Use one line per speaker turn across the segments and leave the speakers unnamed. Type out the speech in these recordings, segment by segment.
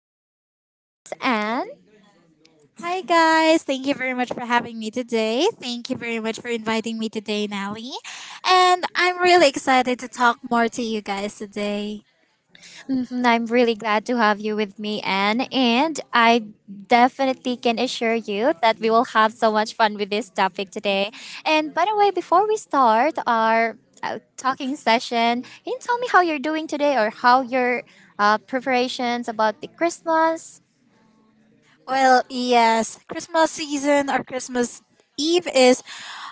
guest, Mace, and.
Hi, guys. Thank you very much for having me today. Thank you very much for inviting me today, Nelly. And I'm really excited to talk more to you guys today.
Mhm, I'm really glad to have you with me, Anne. And I definitely can assure you that we will have so much fun with this topic today. And by the way, before we start our talking session, can you tell me how you're doing today or how your preparations about the Christmas.
Well, yes, Christmas season or Christmas Eve is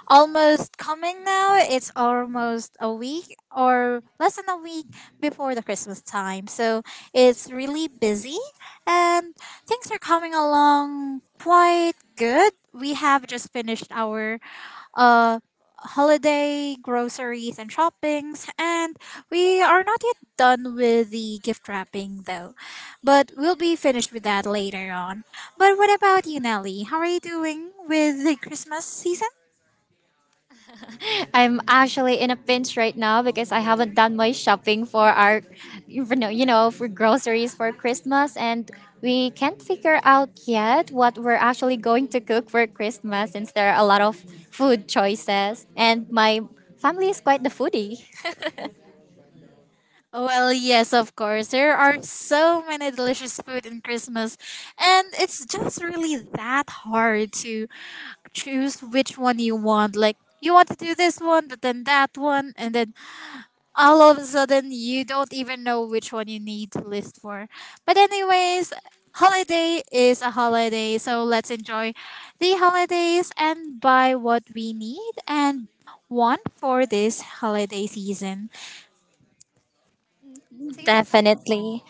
almost coming now. It's almost a week or less than a week before the Christmas time. So it's really busy and things are coming along quite good. We have just finished our uh, holiday groceries and shoppings, and we are not yet done with the gift wrapping though, but we'll be finished with that later on. But what about you, Nelly? How are you doing with the Christmas season?
I'm actually in a pinch right now because I haven't done my shopping for our, for groceries for Christmas, and we can't figure out yet what we're actually going to cook for Christmas since there are a lot of food choices, and my family is quite the foodie.
Well, yes, of course. There are so many delicious food in Christmas, and it's just really that hard to choose which one you want. Like, you want to do this one, but then that one, and then all of a sudden you don't even know which one you need to list for. But anyways, holiday is a holiday, so let's enjoy the holidays and buy what we need and want for this holiday season. Sige, pag-start.
Definitely.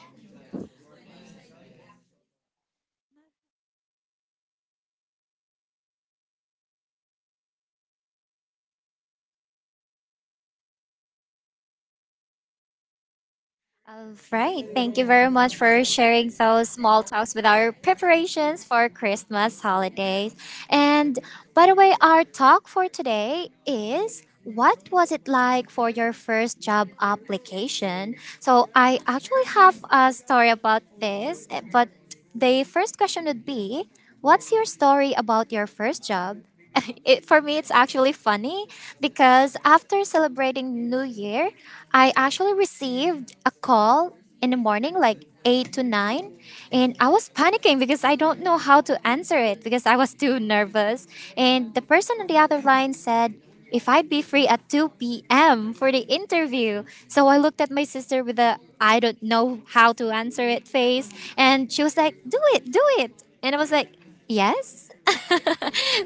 All right. Thank you very much for sharing those small talks with our preparations for Christmas holidays. And by the way, our talk for today is, what was it like for your first job application? So I actually have a story about this, but the first question would be, what's your story about your first job? It, for me, it's actually funny because after celebrating New Year, I actually received a call in the morning, like 8 to 9, and I was panicking because I don't know how to answer it because I was too nervous. And the person on the other line said, if I'd be free at 2 p.m. for the interview. So I looked at my sister with a I don't know how to answer it face, and she was like, "Do it, do it." And I was like, "Yes."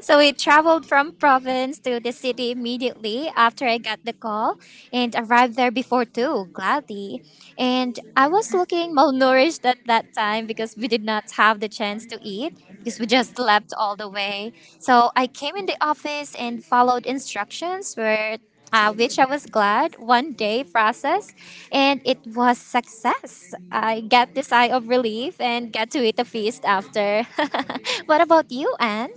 So we traveled from province to the city immediately after I got the call and arrived there before 2, gladly. And I was looking malnourished at that time because we did not have the chance to eat because we just slept all the way. So I came in the office and followed instructions where which I was glad one day process, and it was success. I got the sigh of relief and got to eat a feast after. What about you, Anne?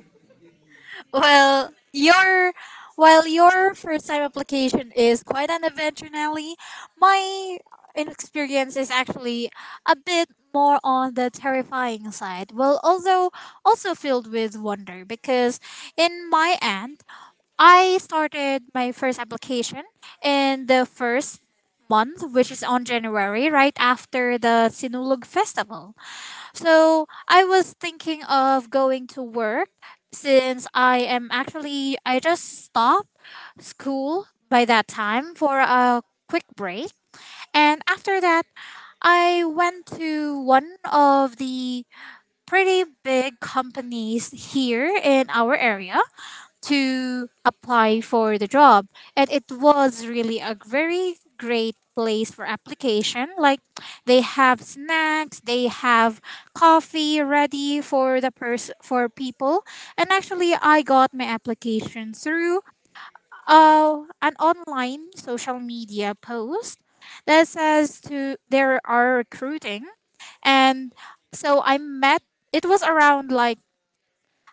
Well, your first time application is quite an adventure, Nelly. My experience is actually a bit more on the terrifying side. Well, although also filled with wonder, because in my end, I started my first application in the first month, which is on January, right after the Sinulog Festival. So I was thinking of going to work since I am actually, I just stopped school by that time for a quick break. And after that, I went to one of the pretty big companies here in our area to apply for the job, and it was really a very great place for application. Like, they have snacks, they have coffee ready for the for people. And actually, I got my application through an online social media post that says to there are recruiting. And so I met, it was around like,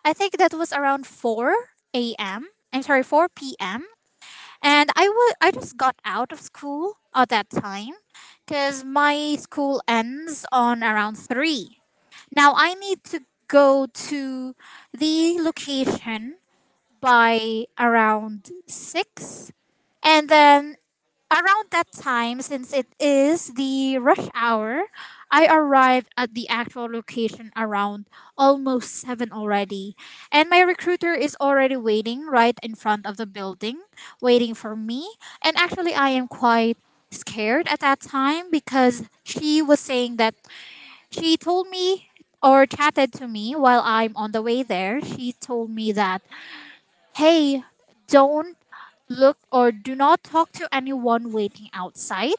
I think that was around 4 a.m. I'm sorry, 4 p.m. And I just got out of school at that time because my school ends on around 3. Now I need to go to the location by around 6. And then around that time, since it is the rush hour, I arrived at the actual location around almost 7 already. And my recruiter is already waiting right in front of the building, waiting for me. And actually, I am quite scared at that time because she was saying that, she told me or chatted to me while I'm on the way there. She told me that, hey, don't look or do not talk to anyone waiting outside,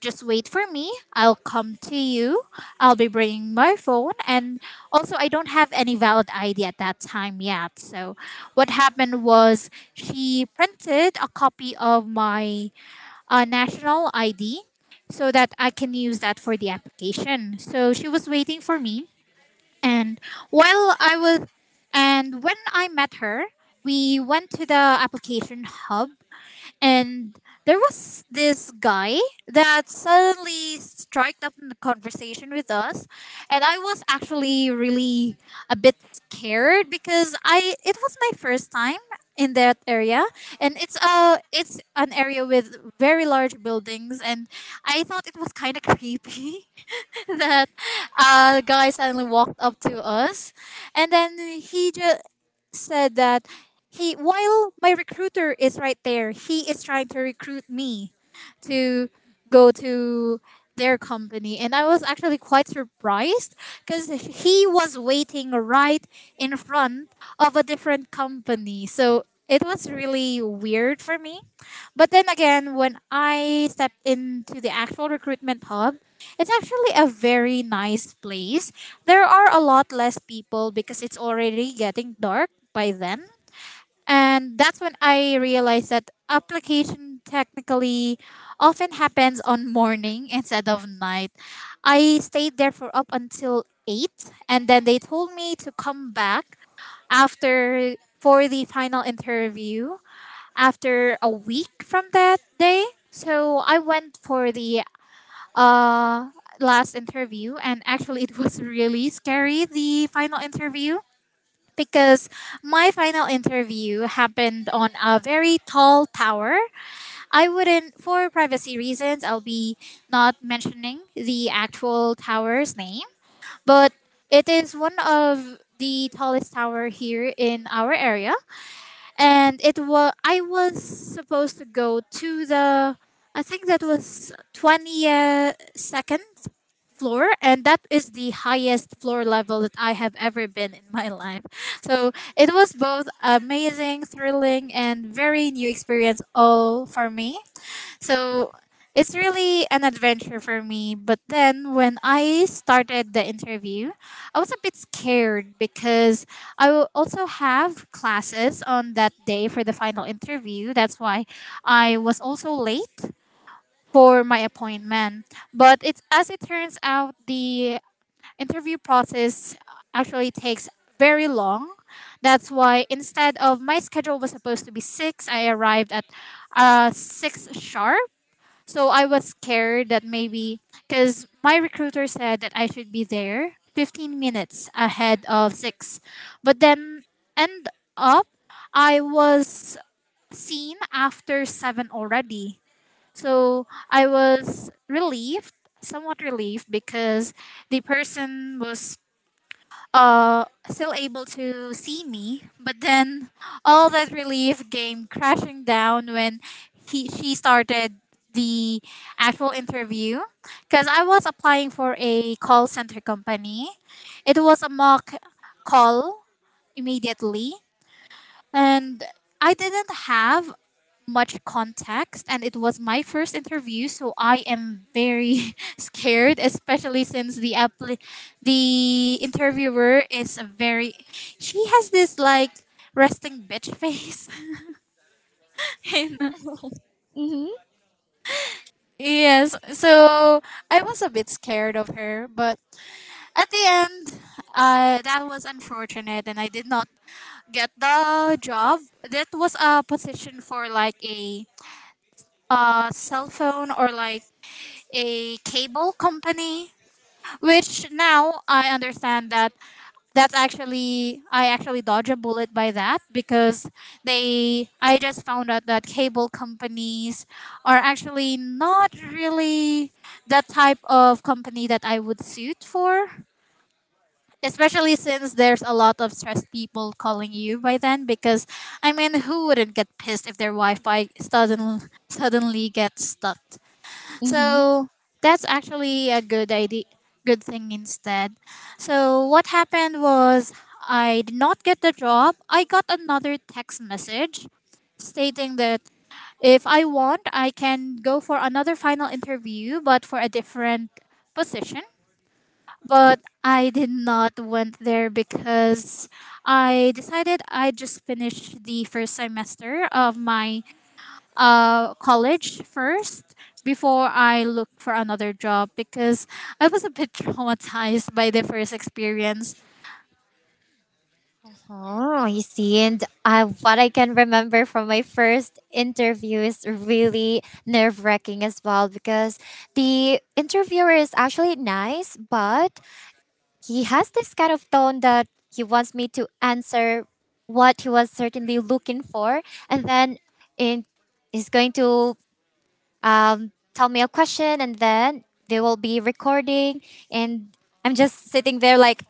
just wait for me. I'll come to you. I'll be bringing my phone. And also, I don't have any valid ID at that time yet. So what happened was she printed a copy of my national ID so that I can use that for the application. So she was waiting for me. And while I was, and when I met her, we went to the application hub. And there was this guy that suddenly struck up in the conversation with us, and I was actually really a bit scared because I it was my first time in that area. And it's an area with very large buildings, and I thought it was kind of creepy that a guy suddenly walked up to us. And then he just said that, he, while my recruiter is right there, he is trying to recruit me to go to their company. And I was actually quite surprised because he was waiting right in front of a different company, so it was really weird for me. But then again, when I stepped into the actual recruitment hub, it's actually a very nice place. There are a lot less people because it's already getting dark by then. And that's when I realized that application technically often happens on morning instead of night. I stayed there for up until 8, and then they told me to come back after for the final interview after a week from that day. So I went for the uh, last interview, and actually, it was really scary, the final interview, because my final interview happened on a very tall tower. I wouldn't, for privacy reasons, I'll be not mentioning the actual tower's name, but it is one of the tallest tower here in our area. And it was, I was supposed to go to the, I think that was 22nd floor, and that is the highest floor level that I have ever been in my life. So it was both amazing, thrilling, and very new experience all for me. So it's really an adventure for me. But then when I started the interview, I was a bit scared because I will also have classes on that day for the final interview. That's why I was also late for my appointment. But it's, as it turns out, the interview process actually takes very long. That's why instead of my schedule was supposed to be six, I arrived at six sharp. So I was scared that maybe, because my recruiter said that I should be there 15 minutes ahead of 6. But then end up I was seen after 7 already. So I was relieved, somewhat relieved, because the person was still able to see me. But then all that relief came crashing down when he she started the actual interview, because I was applying for a call center company. It was a mock call immediately, and I didn't have much context, and it was my first interview, so I am very scared, especially since the the interviewer is a very, she has this like resting bitch face And
Mm-hmm.
yes, so I was a bit scared of her. But at the end, that was unfortunate and I did not get the job. That was a position for like a cell phone or like a cable company, which now I understand that, that's actually, I actually dodge a bullet by that because they, I just found out that cable companies are actually not really the type of company that I would suit for. Especially since there's a lot of stressed people calling you by then because, I mean, who wouldn't get pissed if their Wi-Fi suddenly gets stuck.
Hmm.
So that's actually a good idea, good thing instead. So what happened was I did not get the job. I got another text message stating that if I want, I can go for another final interview, but for a different position. But I did not went there because I decided I just finished the first semester of my college first before I look for another job, because I was a bit traumatized by the first experience.
Oh, you see, and I, what I can remember from my first interview is really nerve wracking as well because the interviewer is actually nice, but he has this kind of tone that he wants me to answer what he was certainly looking for, and then in, he's going to tell me a question, and then they will be recording. And I'm just sitting there like,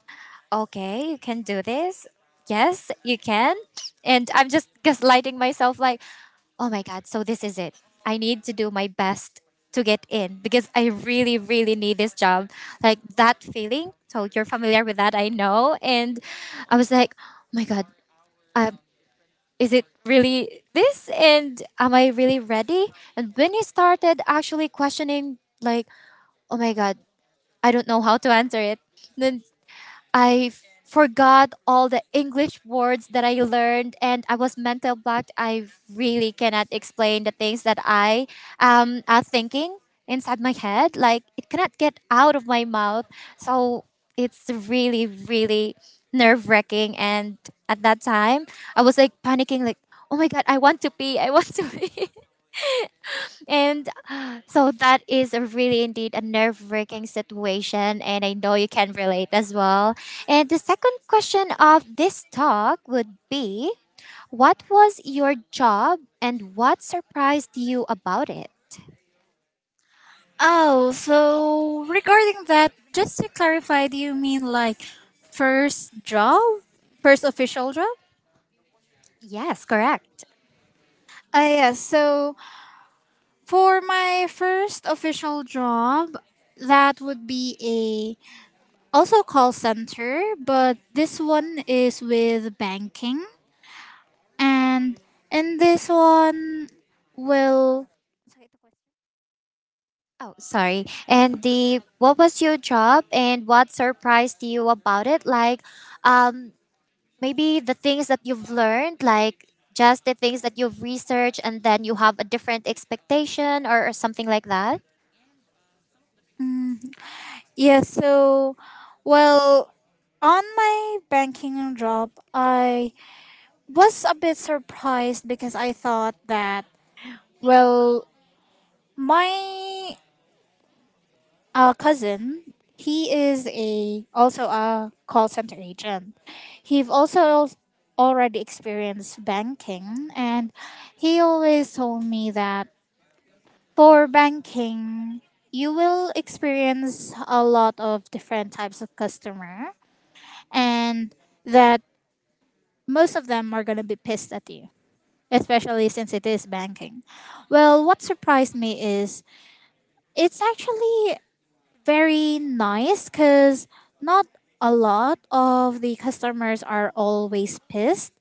okay, you can do this. Yes, you can. And I'm just gaslighting myself like, oh my God, so this is it. I need to do my best to get in because I really, really need this job. Like that feeling. So you're familiar with that, I know. And I was like, oh my God, I, is it really this, and am I really ready? And when he started actually questioning like, oh my God, I don't know how to answer it. Then I forgot all the English words that I learned, and I was mental blocked. I really cannot explain the things that I are thinking inside my head. Like it cannot get out of my mouth. So it's really, really nerve wracking. And at that time, I was like panicking, like, oh my God, I want to pee. I want to pee. And so that is a really indeed a nerve wracking situation, and I know you can relate as well. And the second question of this talk would be, what was your job and what surprised you about it?
Oh, so regarding that, just to clarify, do you mean like first job? First official job?
Yes, correct.
Yeah, so for my first official job, that would be a also call center, but this one is with banking. And in this one, well,
Oh, sorry. And the what was your job and what surprised you about it? Like, um, maybe the things that you've learned, like just the things that you've researched, and then you have a different expectation or something like that?
mm, yeah, so, well, on my banking job, I was a bit surprised because I thought that, well, my cousin, he is a also a call center agent. He've also already experienced banking, and he always told me that, for banking, you will experience a lot of different types of customer, and that most of them are going to be pissed at you, especially since it is banking. Well, what surprised me is it's actually very nice, cuz not a lot of the customers are always pissed,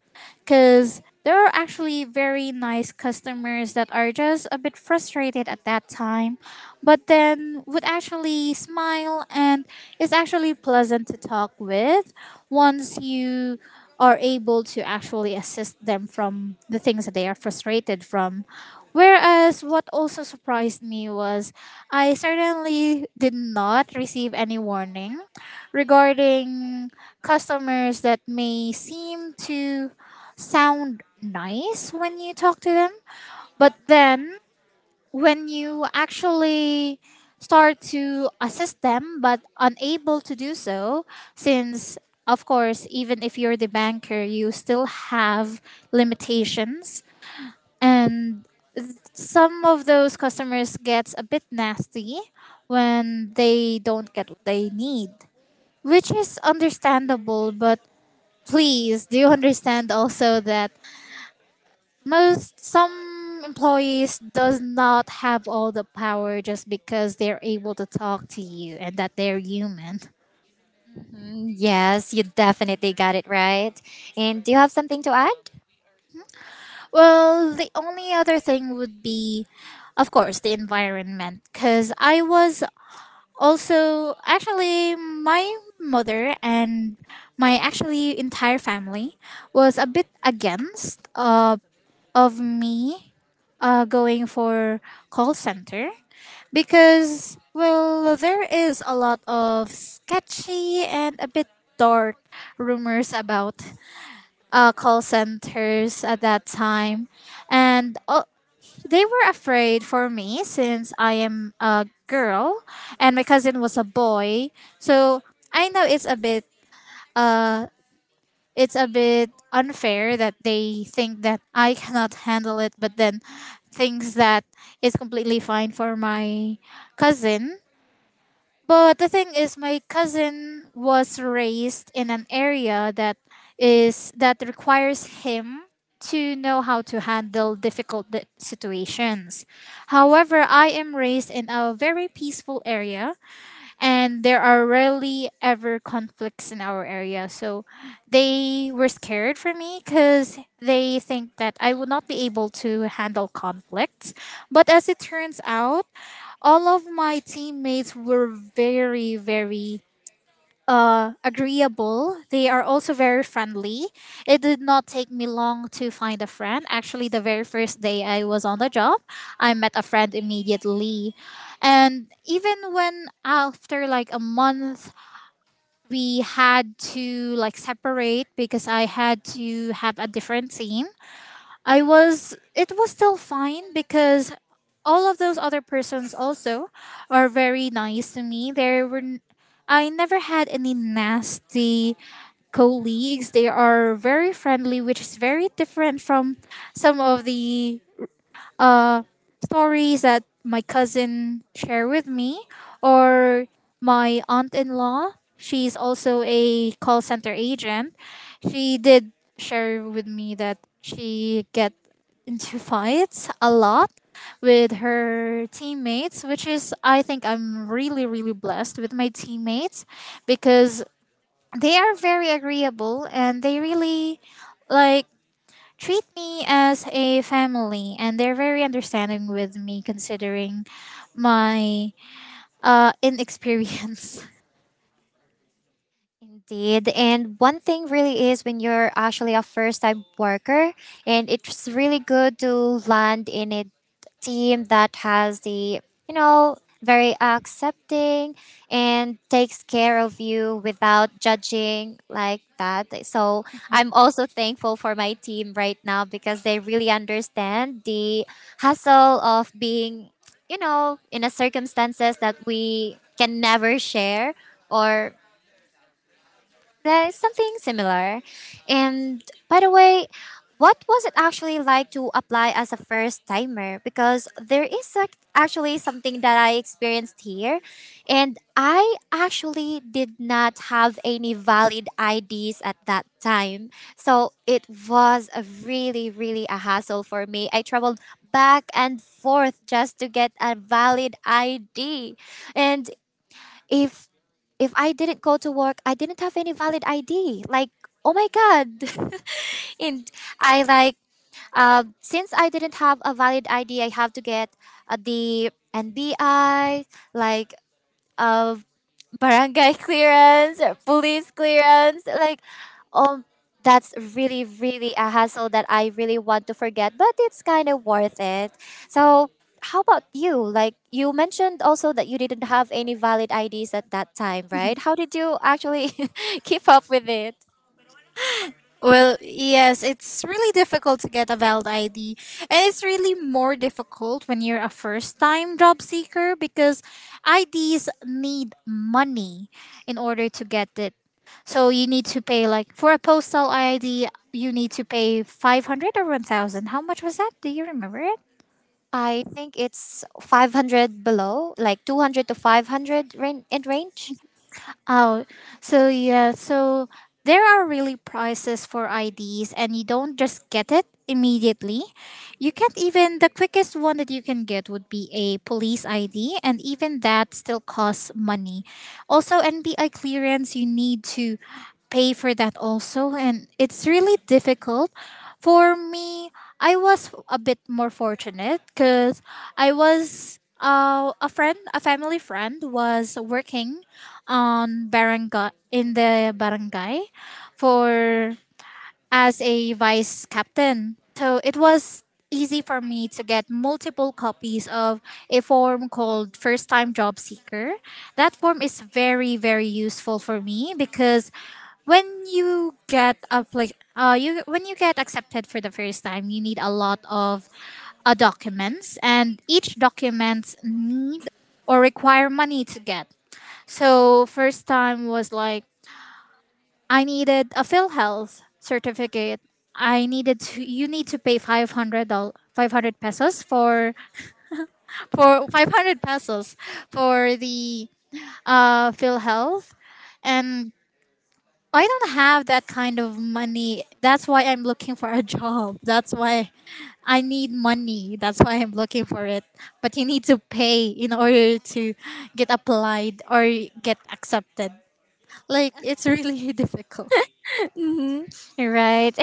because there are actually very nice customers that are just a bit frustrated at that time, but then would actually smile and is actually pleasant to talk with once you are able to actually assist them from the things that they are frustrated from. Whereas what also surprised me was I certainly did not receive any warning regarding customers that may seem to sound nice when you talk to them, but then when you actually start to assist them but unable to do so, since of course, even if you're the banker, you still have limitations and some of those customers gets a bit nasty when they don't get what they need, which is understandable. But please, do you understand also that most, some employees does not have all the power just because they're able to talk to you and that they're human.
Mhm. Yes, you definitely got it right. And do you have something to add?
Well, the only other thing would be of course the environment, because I was also actually my mother and my actually entire family was a bit against of me going for call center, because well there is a lot of sketchy and a bit dark rumors about call centers at that time. And they were afraid for me since I am a girl and my cousin was a boy. So I know uh, it's a bit unfair that they think that I cannot handle it, but then thinks that it's completely fine for my cousin. But the thing is, my cousin was raised in an area that is that requires him to know how to handle situations. However, I am raised in a very peaceful area, and there are rarely ever conflicts in our area. So they were scared for me because they think that I would not be able to handle conflicts. But as it turns out, all of my teammates were very, very agreeable. They are also very friendly. It did not take me long to find a friend. Actually, the very first day I was on the job, I met a friend immediately. And even when after like a month, we had to like separate because I had to have a different team. I was it was still fine because all of those other persons also are very nice to me. I never had any nasty colleagues. They are very friendly, which is very different from some of the uh, stories that my cousin share with me, or my aunt-in-law, she's also a call center agent. She did share with me that she get into fights a lot with her teammates, which is, I think I'm really, really blessed with my teammates, because they are very agreeable and they really like treat me as a family, and they're very understanding with me considering my inexperience.
Indeed. And one thing really is when you're actually a first time worker, and it's really good to land in a team that has the, you know, very accepting and takes care of you without judging like that. So I'm also thankful for my team right now because they really understand the hustle of being, you know, in a circumstances that we can never share, or there's something similar. And by the way, what was it actually like to apply as a first timer? Because there is actually something that I experienced here, and I actually did not have any valid IDs at that time. So it was a really, really a hassle for me. I traveled back and forth just to get a valid ID. And if if I didn't go to work, I didn't have any valid ID. Like, oh my God. And I like since I didn't have a valid ID, I have to get the NBI, like a barangay clearance, police clearance. Like, um, that's really, really a hassle that I really want to forget, but it's kind of worth it. So, how about you? Like, you mentioned also that you didn't have any valid IDs at that time, right? How did you actually keep up with it?
Well, yes, it's really difficult to get a valid ID. And it's really more difficult when you're a first time job seeker because IDs need money in order to get it. So you need to pay, like, for a postal ID, you need to pay 500 or 1,000. How much was that? Do you remember it?
I think it's 500 below, like 200 to 500 ran- in range.
Oh, so yeah, so there are really prices for IDs, and you don't just get it immediately. You can't even, the quickest one that you can get would be a police ID, and even that still costs money. Also, NBI clearance, you need to pay for that also, and it's really difficult. For me, I was a bit more fortunate because I was. A friend, a family friend, was working on barangay, in the barangay, for as a vice captain. So it was easy for me to get multiple copies of a form called First Time Job Seeker. That form is very, very useful for me because when you when you get accepted for the first time, you need a lot of documents, and each documents need or require money to get. So first time was like I needed a PhilHealth certificate. I needed to You need to pay $500, 500 pesos for 500 pesos for the PhilHealth, and I don't have that kind of money. That's why I'm looking for a job. That's why I need money. That's why I'm looking for it. But you need to pay in order to get applied or get accepted. Like, it's really difficult.
Mm-hmm. Right.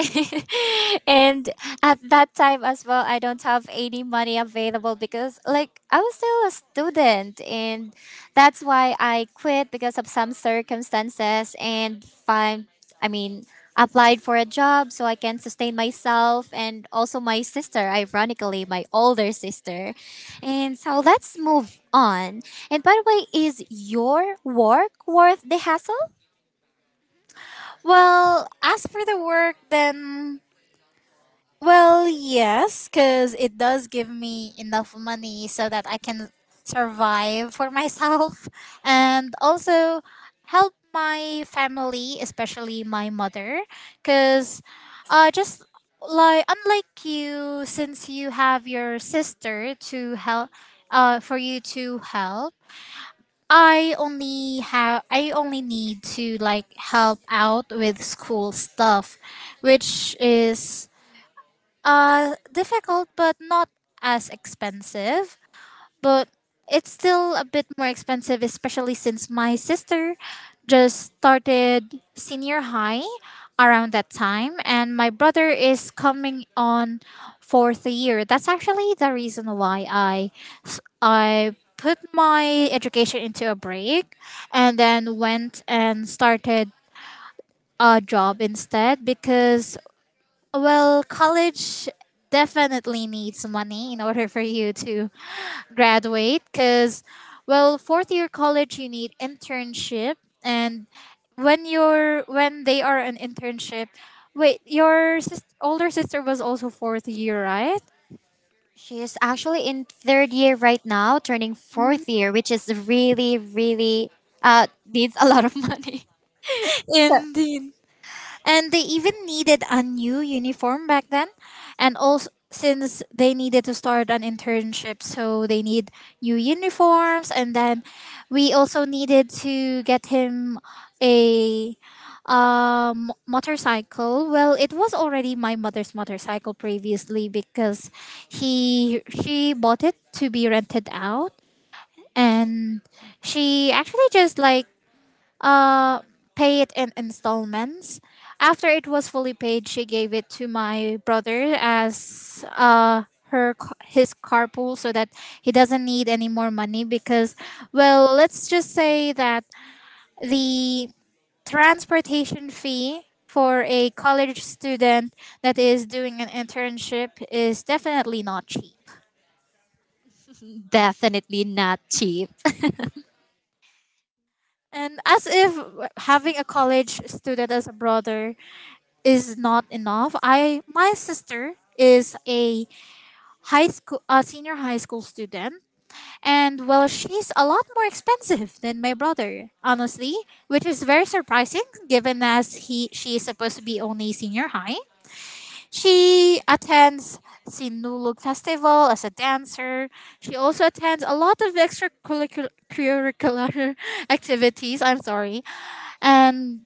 And at that time as well, I don't have any money available because, like, I was still a student. And that's why I quit because of some circumstances, and I mean, applied for a job so I can sustain myself and also my sister, ironically, my older sister. And so let's move on. And by the way, is your work worth the hassle?
Well, as for the work, then, well, yes, because it does give me enough money so that I can survive for myself and also help my family, especially my mother, because just like unlike you, since you have your sister to help, for you to help, I only need to like help out with school stuff, which is difficult but not as expensive, but it's still a bit more expensive, especially since my sister just started senior high around that time, and my brother is coming on fourth year. That's actually the reason why I put my education into a break, and then went and started a job instead, because well, college definitely needs money in order for you to graduate, because, well, fourth year college, you need internship. And when they are an internship, wait, your older sister was also fourth year, right?
She is actually in third year right now, turning fourth year, which is really, really needs a lot of money. So
Indeed. And they even needed a new uniform back then. And also, since they needed to start an internship, so they need new uniforms. And then we also needed to get him a motorcycle. Well, it was already my mother's motorcycle previously, because he she bought it to be rented out, and she actually just like uh, pay it in installments. After it was fully paid, she gave it to my brother as his carpool, so that he doesn't need any more money, because well, let's just say that the transportation fee for a college student that is doing an internship is definitely not cheap.
definitely not cheap.
And as if having a college student as a brother is not enough. I My sister is a high school a senior high school student, and well, she's a lot more expensive than my brother, honestly, which is very surprising given as he she is supposed to be only senior high. She attends Sinulog festival as a dancer. She also attends a lot of extracurricular activities, I'm sorry. And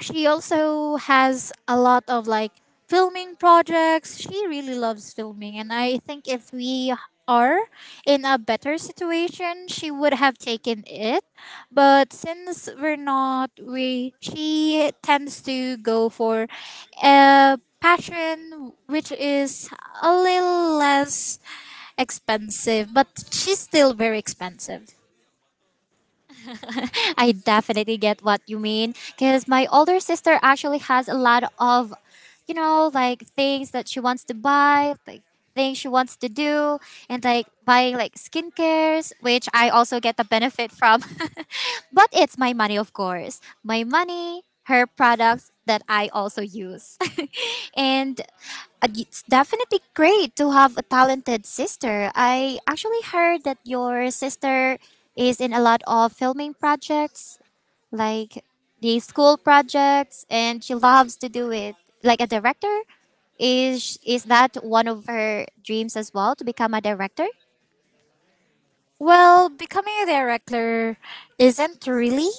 she also has a lot of like filming projects. She really loves filming, and I think if we are in a better situation, she would have taken it. But since we're not, we she tends to go for a passion which is a little less expensive, but she's still very expensive.
I definitely get what you mean because my older sister actually has a lot of, you know, like things that she wants to buy, like things she wants to do, and like buying like skincares, which I also get the benefit from. But it's my money, of course. My money, her products that I also use. And it's definitely great to have a talented sister. I actually heard that your sister is in a lot of filming projects, like the school projects, and she loves to do it. Like a director, is that one of her dreams as well, to become a director?
Well, becoming a director isn't really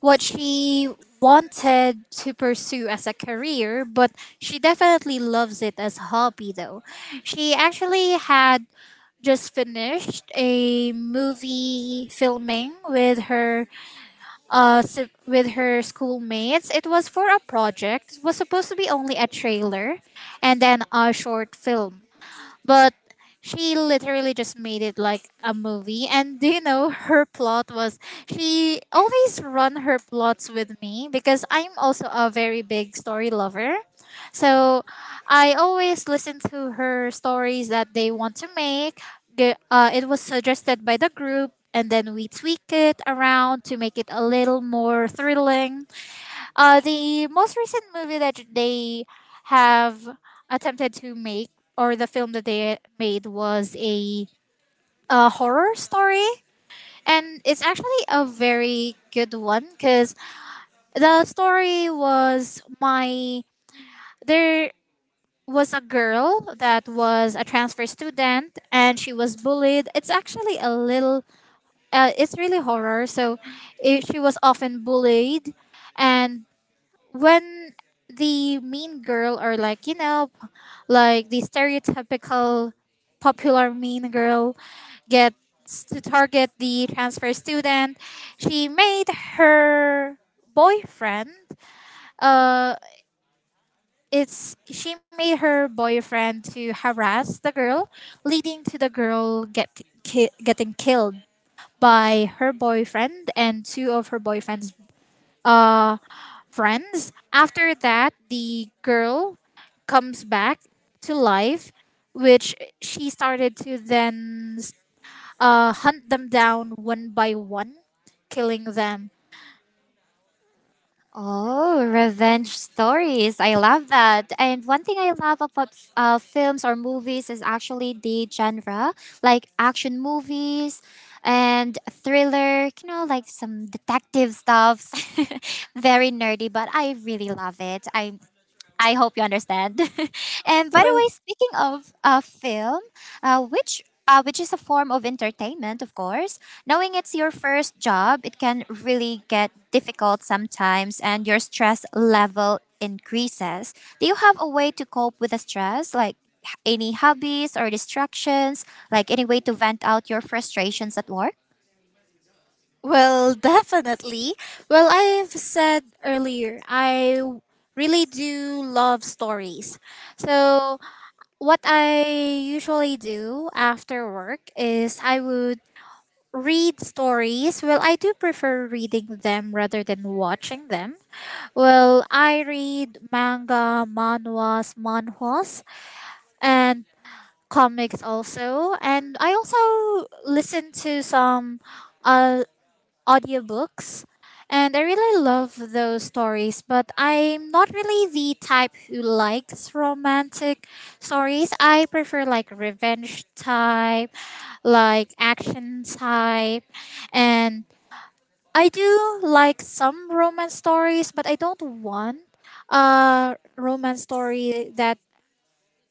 what she wanted to pursue as a career, but she definitely loves it as a hobby though. She actually had just finished a movie filming with her with her schoolmates. It was for a project. It was supposed to be only a trailer and then a short film. But she literally just made it like a movie. And do you know her plot was, she always run her plots with me because I'm also a very big story lover. So I always listen to her stories that they want to make. It was suggested by the group, and then we tweak it around to make it a little more thrilling. The most recent movie that they have attempted to make, or the film that they made, was a horror story. And it's actually a very good one because the story was my. There was a girl that was a transfer student and she was bullied. It's actually a little. It's really horror. So it, she was often bullied, and when the mean girl, or like you know, like the stereotypical popular mean girl gets to target the transfer student, she made her boyfriend uh it's she made her boyfriend to harass the girl, leading to the girl getting killed by her boyfriend and two of her boyfriend's uh, friends. After that, the girl comes back to life, which she started to then hunt them down one by one, killing them.
Oh, revenge stories. I love that. And one thing I love about films or movies is actually the genre, like action movies and thriller, you know, like some detective stuffs. Very nerdy, but I really love it. I hope you understand. And by the way,
Well,
speaking of film, which is a form of entertainment, of course. Knowing it's your first job, it can really get difficult sometimes, and your stress level increases. Do you have a way to cope with the stress, like any hobbies or distractions, like any way to vent out your frustrations at work?
definitely. Well, I've said earlier, I really do love stories. So, what I usually do after work is I would read stories. Well, I do prefer reading them rather than watching them. Well, I read manga, manhwas, and comics also. And I also listen to some uh, audiobooks. And I really love those stories, but I'm not really the type who likes romantic stories. I prefer like revenge type, like action type, and I do like some romance stories, but I don't want a romance story that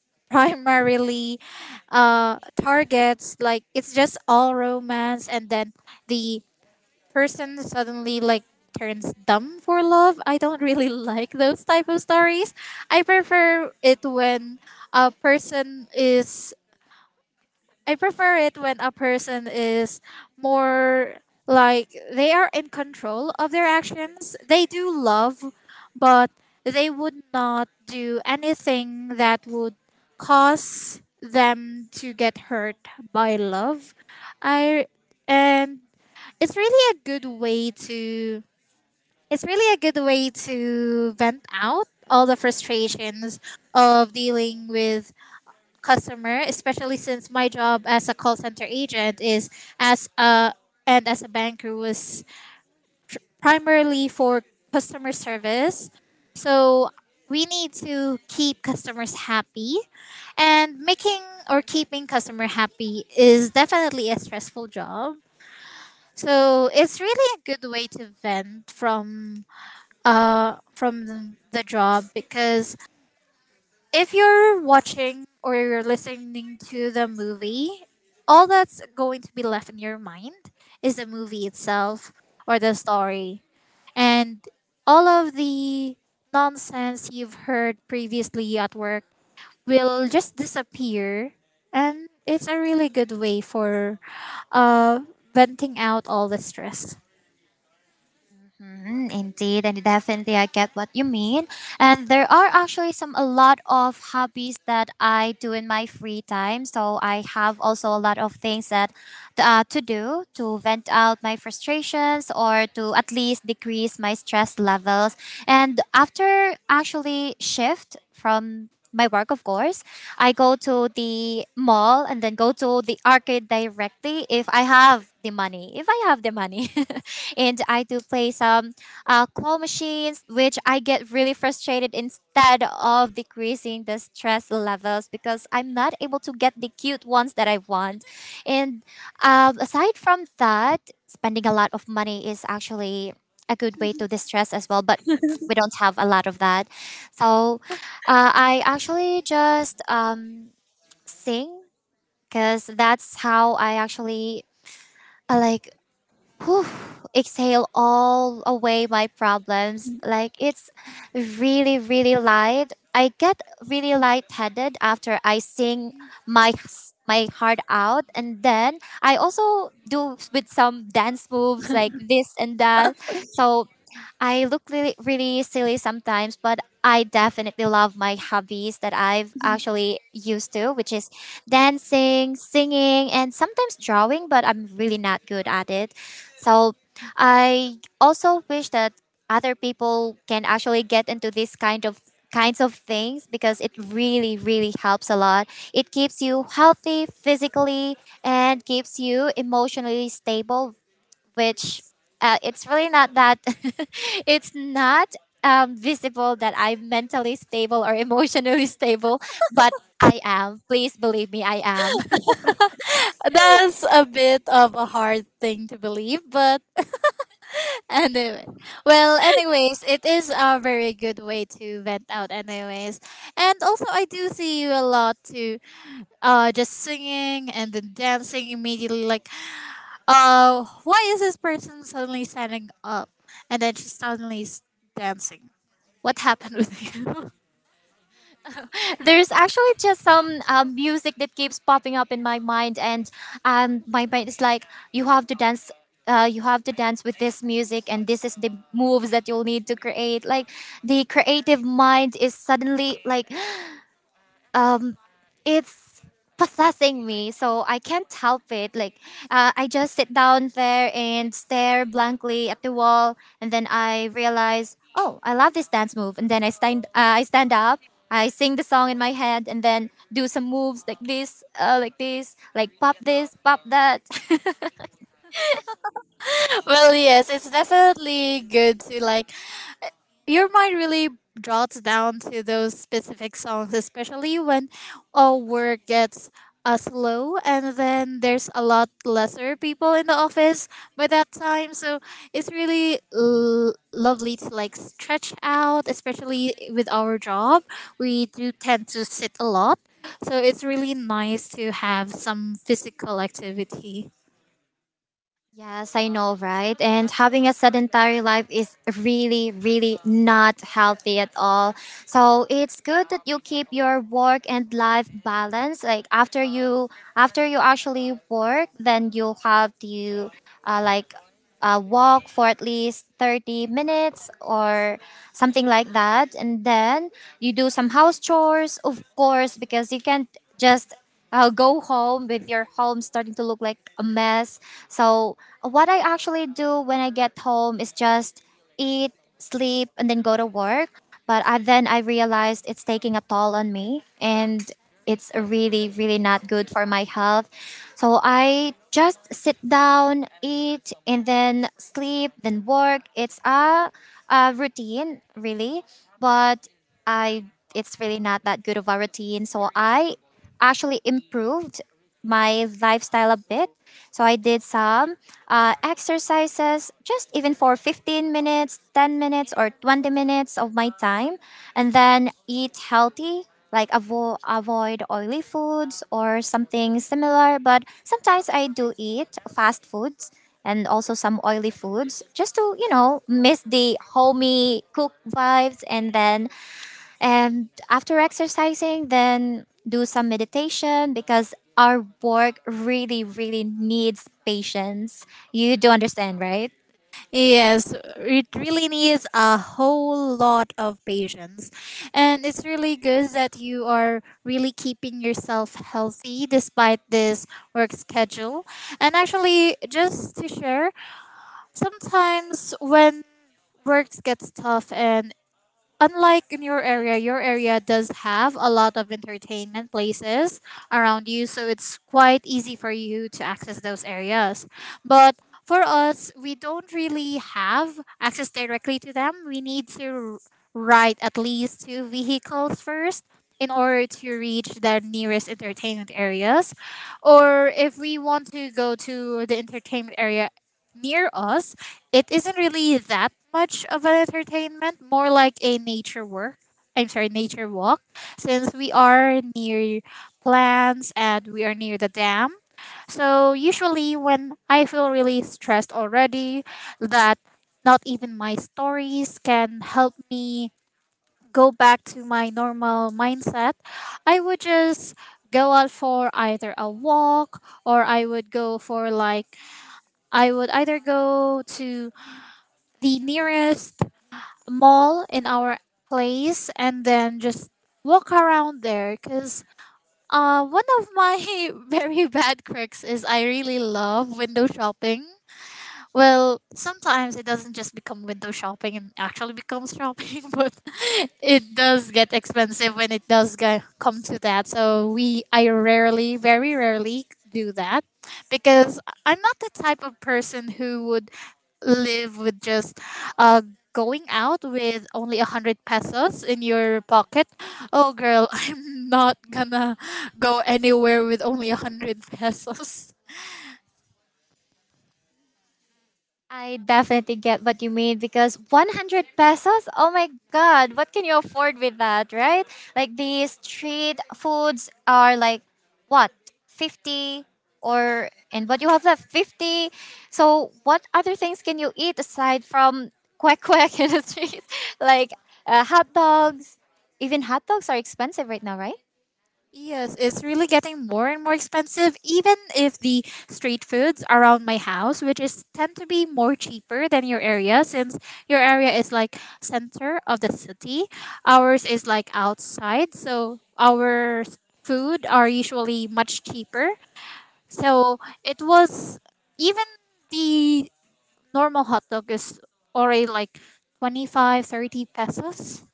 primarily targets like it's just all romance, and then the person suddenly like turns dumb for love. I don't really like those type of stories. I prefer it when a person is I prefer it when a person is more like they are in control of their actions. They do love, but they would not do anything that would cause them to get hurt by love. I and it's really a good way to it's really a good way to vent out all the frustrations of dealing with customer, especially since my job as a call center agent is as a as a banker was primarily for customer service. So we need to keep customers happy, and making or keeping customer happy is definitely a stressful job. So it's really a good way to vent from the job, because if you're watching or you're listening to the movie, all that's going to be left in your mind is the movie itself or the story, and all of the nonsense you've heard previously at work will just disappear. And it's a really good way for uh venting out all the stress.
Mm, indeed, and definitely I get what you mean. And there are actually some a lot of hobbies that I do in my free time. So I have also a lot of things that to do to vent out my frustrations, or to at least decrease my stress levels. And after actually shift from my work, of course. I go to the mall and then go to the arcade directly if I have the money. If I have the money, and I do play some claw machines, which I get really frustrated instead of decreasing the stress levels because I'm not able to get the cute ones that I want. And aside from that, spending a lot of money is actually a good way to distress as well, but we don't have a lot of that. So I actually just sing because that's how I actually like, whew, exhale all away my problems. Like it's really, really light. I get really lightheaded after I sing my my heart out, and then I also do with some dance moves like this and that. So I look really, really silly sometimes, but I definitely love my hobbies that I've actually used to, which is dancing, singing, and sometimes drawing, but I'm really not good at it. So I also wish that other people can actually get into this kinds of things because it really really helps a lot. It keeps you healthy physically and keeps you emotionally stable, which it's really not that it's not visible that I'm mentally stable or emotionally stable, but I am. Please believe me, I am.
That's a bit of a hard thing to believe, but anyway. Well, anyways, it is a very good way to vent out, anyways. And also, I do see you a lot too, just singing and then dancing immediately. Like, why is this person suddenly standing up? And then dancing. What happened with you?
There's actually just some music that keeps popping up in my mind, and my mind is like, you have to dance. You have to dance with this music, and this is the moves that you'll need to create. Like the creative mind is suddenly like um, it's possessing me, so I can't help it. Like I just sit down there and stare blankly at the wall, and then I realize, oh, I love this dance move, and then I stand I stand up. I sing the song in my head and then do some moves like this, like this, like pop this, pop that.
Well, yes, it's definitely good to, like, your mind really drops down to those specific songs, especially when all work gets slow and then there's a lot lesser people in the office by that time. So it's really lovely to like stretch out, especially with our job. We do tend to sit a lot. So it's really nice to have some physical activity.
Yes, I know, right? And having a sedentary life is really, really not healthy at all. So it's good that you keep your work and life balance. Like after you actually work, then you have to, uh, like walk for at least 30 minutes or something like that. And then you do some house chores, of course, because you can't just go home with your home starting to look like a mess. So, what I actually do when I get home is just eat, sleep, and then go to work. But then I realized it's taking a toll on me. And it's really really not good for my health, so I just sit down, eat, and then sleep, then work. It's a routine, really, but I it's really not that good of a routine, so I actually improved my lifestyle a bit. So I did some exercises, just even for 15 minutes, 10 minutes, or 20 minutes of my time. And then eat healthy, like avoid oily foods or something similar. But sometimes I do eat fast foods and also some oily foods just to, you know, miss the homey cook vibes. And then, and after exercising, then do some meditation because our work really, really needs patience. You do understand, right?
Yes, it really needs a whole lot of patience. And it's really good that you are really keeping yourself healthy despite this work schedule. And actually, just to share, sometimes when works gets tough and unlike in your area does have a lot of entertainment places around you, so it's quite easy for you to access those areas. But for us, we don't really have access directly to them. We need to ride at least two vehicles first in order to reach the nearest entertainment areas. Or if we want to go to the entertainment area near us, it isn't really that much of an entertainment, more like a nature work. I'm sorry, nature walk, since we are near plants and we are near the dam. So usually when I feel really stressed already, that not even my stories can help me go back to my normal mindset, I would just go out for either a walk, or I would go for like, I would either go to the nearest mall in our place and then just walk around there because one of my very bad quirks is I really love window shopping. Well, sometimes it doesn't just become window shopping and actually becomes shopping, but it does get expensive when it does get, come to that. So I rarely, very rarely do that because I'm not the type of person who would live with just uh, going out with only a hundred pesos in your pocket. Oh, girl, I'm not gonna go anywhere with only a hundred pesos.
I definitely get what you mean because 100 pesos? Oh my god, what can you afford with that, right? Like these street foods are like what? 50? Or and what you have left, 50. So what other things can you eat aside from quack quack in the streets? Like hot dogs. Even hot dogs are expensive right now, right?
Yes, it's really getting more and more expensive, even if the street foods around my house, which is tend to be more cheaper than your area, since your area is like center of the city. Ours is like outside, so our food are usually much cheaper. So it was even the normal hot dog is already like 25-30 pesos.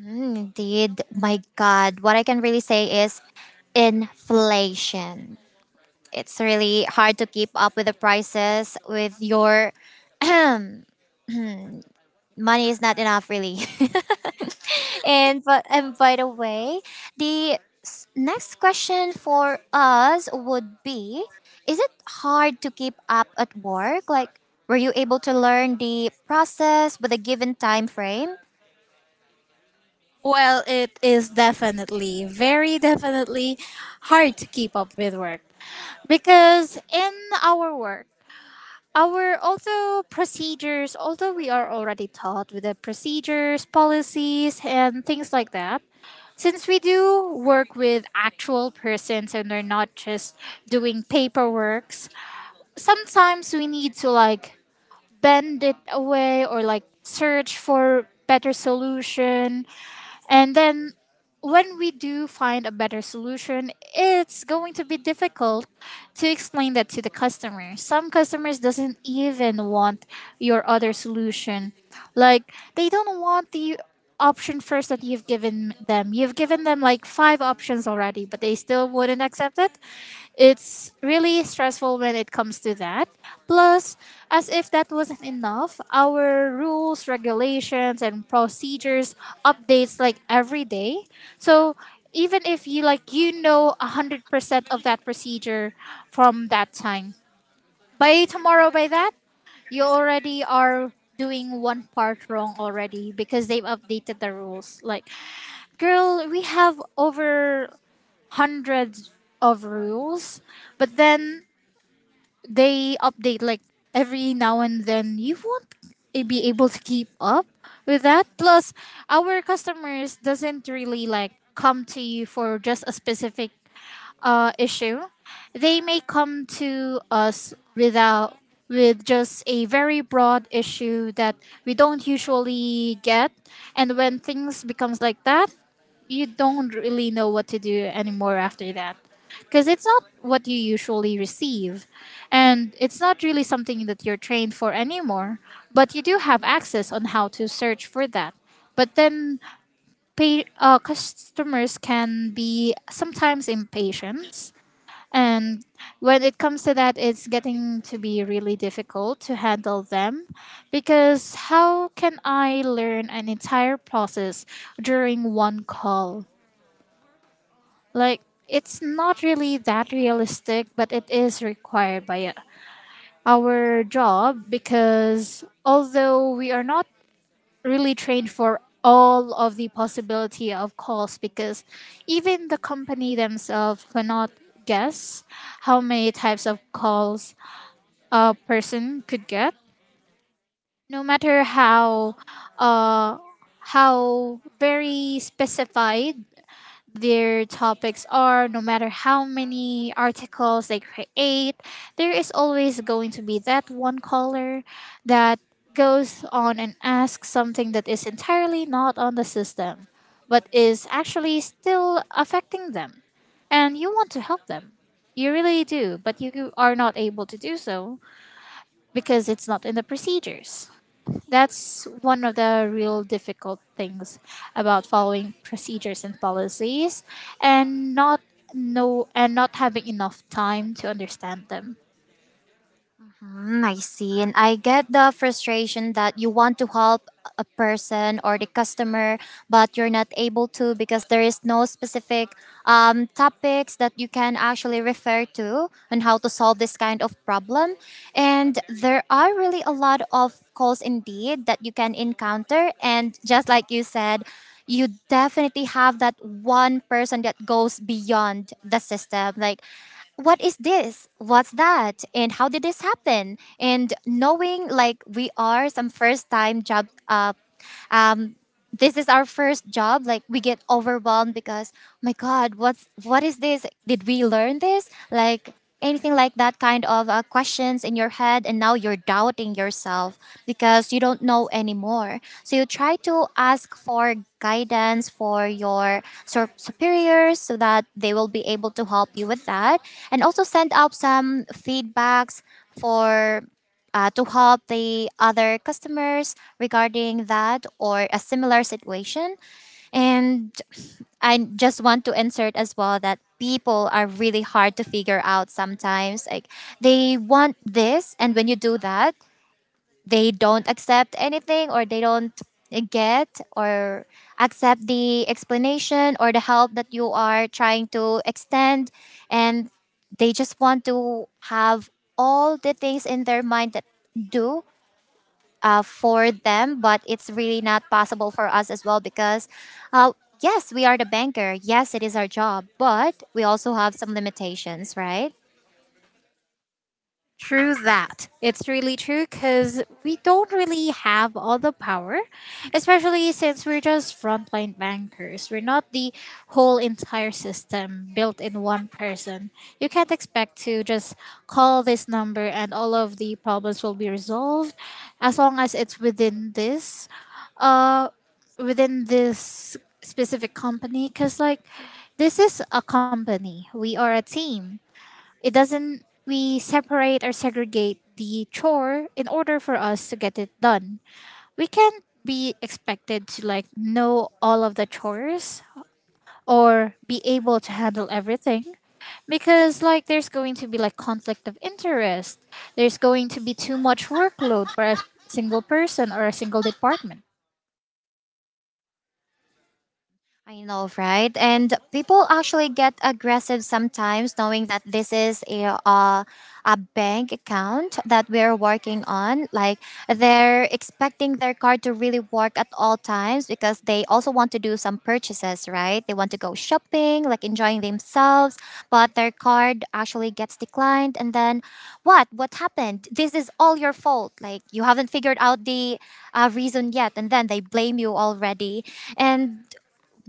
Mm, indeed. My god, what I can really say is inflation. It's really hard to keep up with the prices. With your money is not enough, really. and but and By the way, the next question for us would be, is it hard to keep up at work? Like, were you able to learn the process with a given time frame?
Well, it is definitely, very definitely hard to keep up with work because in our work, our also procedures, although we are already taught with the procedures, policies, and things like that, since we do work with actual persons and they're not just doing paperworks, sometimes we need to like bend it away or like search for better solution. And then when we do find a better solution, it's going to be difficult to explain that to the customer. Some customers doesn't even want your other solution. Like they don't want the option first that you've given them. You've given them like 5 options already, but they still wouldn't accept it. It's really stressful when it comes to that. Plus, as if that wasn't enough, our rules, regulations, and procedures updates like every day. So even if you like you know 100% of that procedure from that time. By tomorrow by that, you already are doing one part wrong already because they've updated the rules. Like, girl, we have over hundreds of rules, but then they update like every now and then. You won't be able to keep up with that. Plus our customers doesn't really like come to you for just a specific issue, they may come to us without with just a very broad issue that we don't usually get, and when things becomes like that, you don't really know what to do anymore after that because it's not what you usually receive and it's not really something that you're trained for anymore, but you do have access on how to search for that. But then customers can be sometimes impatient, and when it comes to that, it's getting to be really difficult to handle them because how can I learn an entire process during one call? Like, it's not really that realistic, but it is required by our job because although we are not really trained for all of the possibility of calls because even the company themselves cannot guess how many types of calls a person could get no matter uh how very specified their topics are, no matter how many articles they create, there is always going to be that one caller that goes on and asks something that is entirely not on the system but is actually still affecting them, and you want to help them, you really do, but you are not able to do so because it's not in the procedures. That's one of the real difficult things about following procedures and policies and not know and not having enough time to understand them.
Mm, I see. And I get the frustration that you want to help a person or the customer, but you're not able to because there is no specific topics that you can actually refer to on how to solve this kind of problem. And there are really a lot of calls indeed that you can encounter. And just like you said, you definitely have that one person that goes beyond the system. Like, what is this? What's that? And how did this happen? And knowing like we are some first time job um, this is our first job, like we get overwhelmed because, "Oh my god, what is this? Did we learn this?" Like anything like that kind of questions in your head, and now you're doubting yourself because you don't know anymore, so you try to ask for guidance for your superiors so that they will be able to help you with that and also send out some feedbacks for to help the other customers regarding that or a similar situation. And I just want to insert as well that people are really hard to figure out sometimes. Like they want this, and when you do that, they don't accept anything, or they don't get or accept the explanation or the help that you are trying to extend, and they just want to have all the things in their mind that do for them. But it's really not possible for us as well because uh, yes, we are the banker, yes, it is our job, but we also have some limitations, right?
True that. It's really true because we don't really have all the power, especially since we're just frontline bankers. We're not the whole entire system built in one person. You can't expect to just call this number and all of the problems will be resolved as long as it's within this uh within this specific company. Because like, this is a company, we are a team. It doesn't, We separate or segregate the chore in order for us to get it done. We can't be expected to like know all of the chores or be able to handle everything because like there's going to be like conflict of interest, there's going to be too much workload for a single person or a single department.
I know, right? And people actually get aggressive sometimes, knowing that this is a bank account that we're working on. Like they're expecting their card to really work at all times because they also want to do some purchases, right? They want to go shopping, like enjoying themselves, but their card actually gets declined, and then what? What happened? This is all your fault. Like you haven't figured out the reason yet, and then they blame you already. And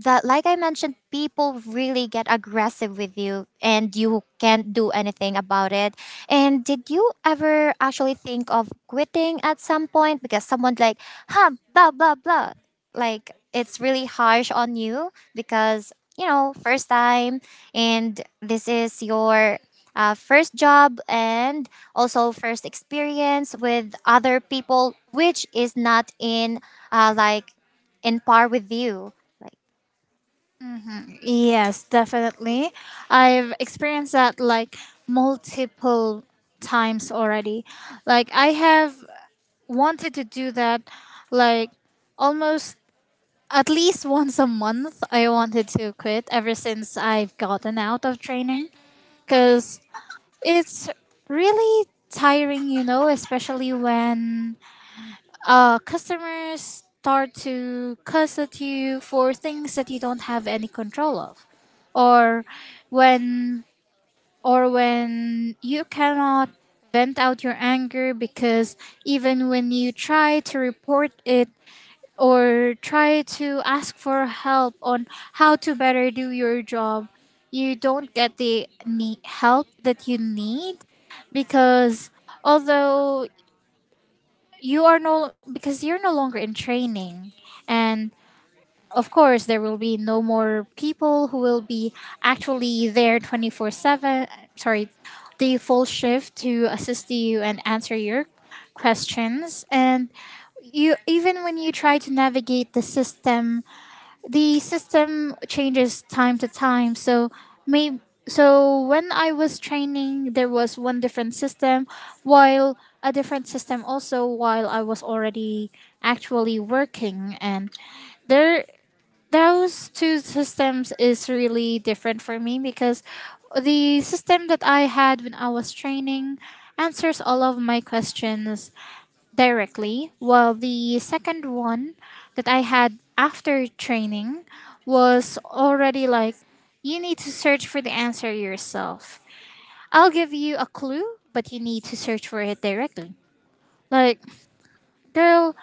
that, like I mentioned, people really get aggressive with you, and you can't do anything about it. And did you ever actually think of quitting at some point because someone like, huh, blah blah blah. Like it's really harsh on you because, you know, first time and this is your first job, and also first experience with other people which is not in like in par with you. Like,
Mhm. Yes, definitely. I've experienced that like multiple times already. Like I have wanted to do that like almost at least once a month. I wanted to quit ever since I've gotten out of training because it's really tiring, you know, especially when customers start to cuss at you for things that you don't have any control of. Or when or when you cannot vent out your anger because even when you try to report it or try to ask for help on how to better do your job, you don't get the help that you need because although you are no because you're no longer in training, and of course there will be no more people who will be actually there 24/7, sorry, the full shift to assist you and answer your questions. And you even when you try to navigate the system, the system changes time to time. So may so when I was training there was one different system, while a different system also while I was already actually working, and there, those two systems is really different for me because the system that I had when I was training answers all of my questions directly. Well, the second one that I had after training was already like, you need to search for the answer yourself. I'll give you a clue, but you need to search for it directly. Like, girl,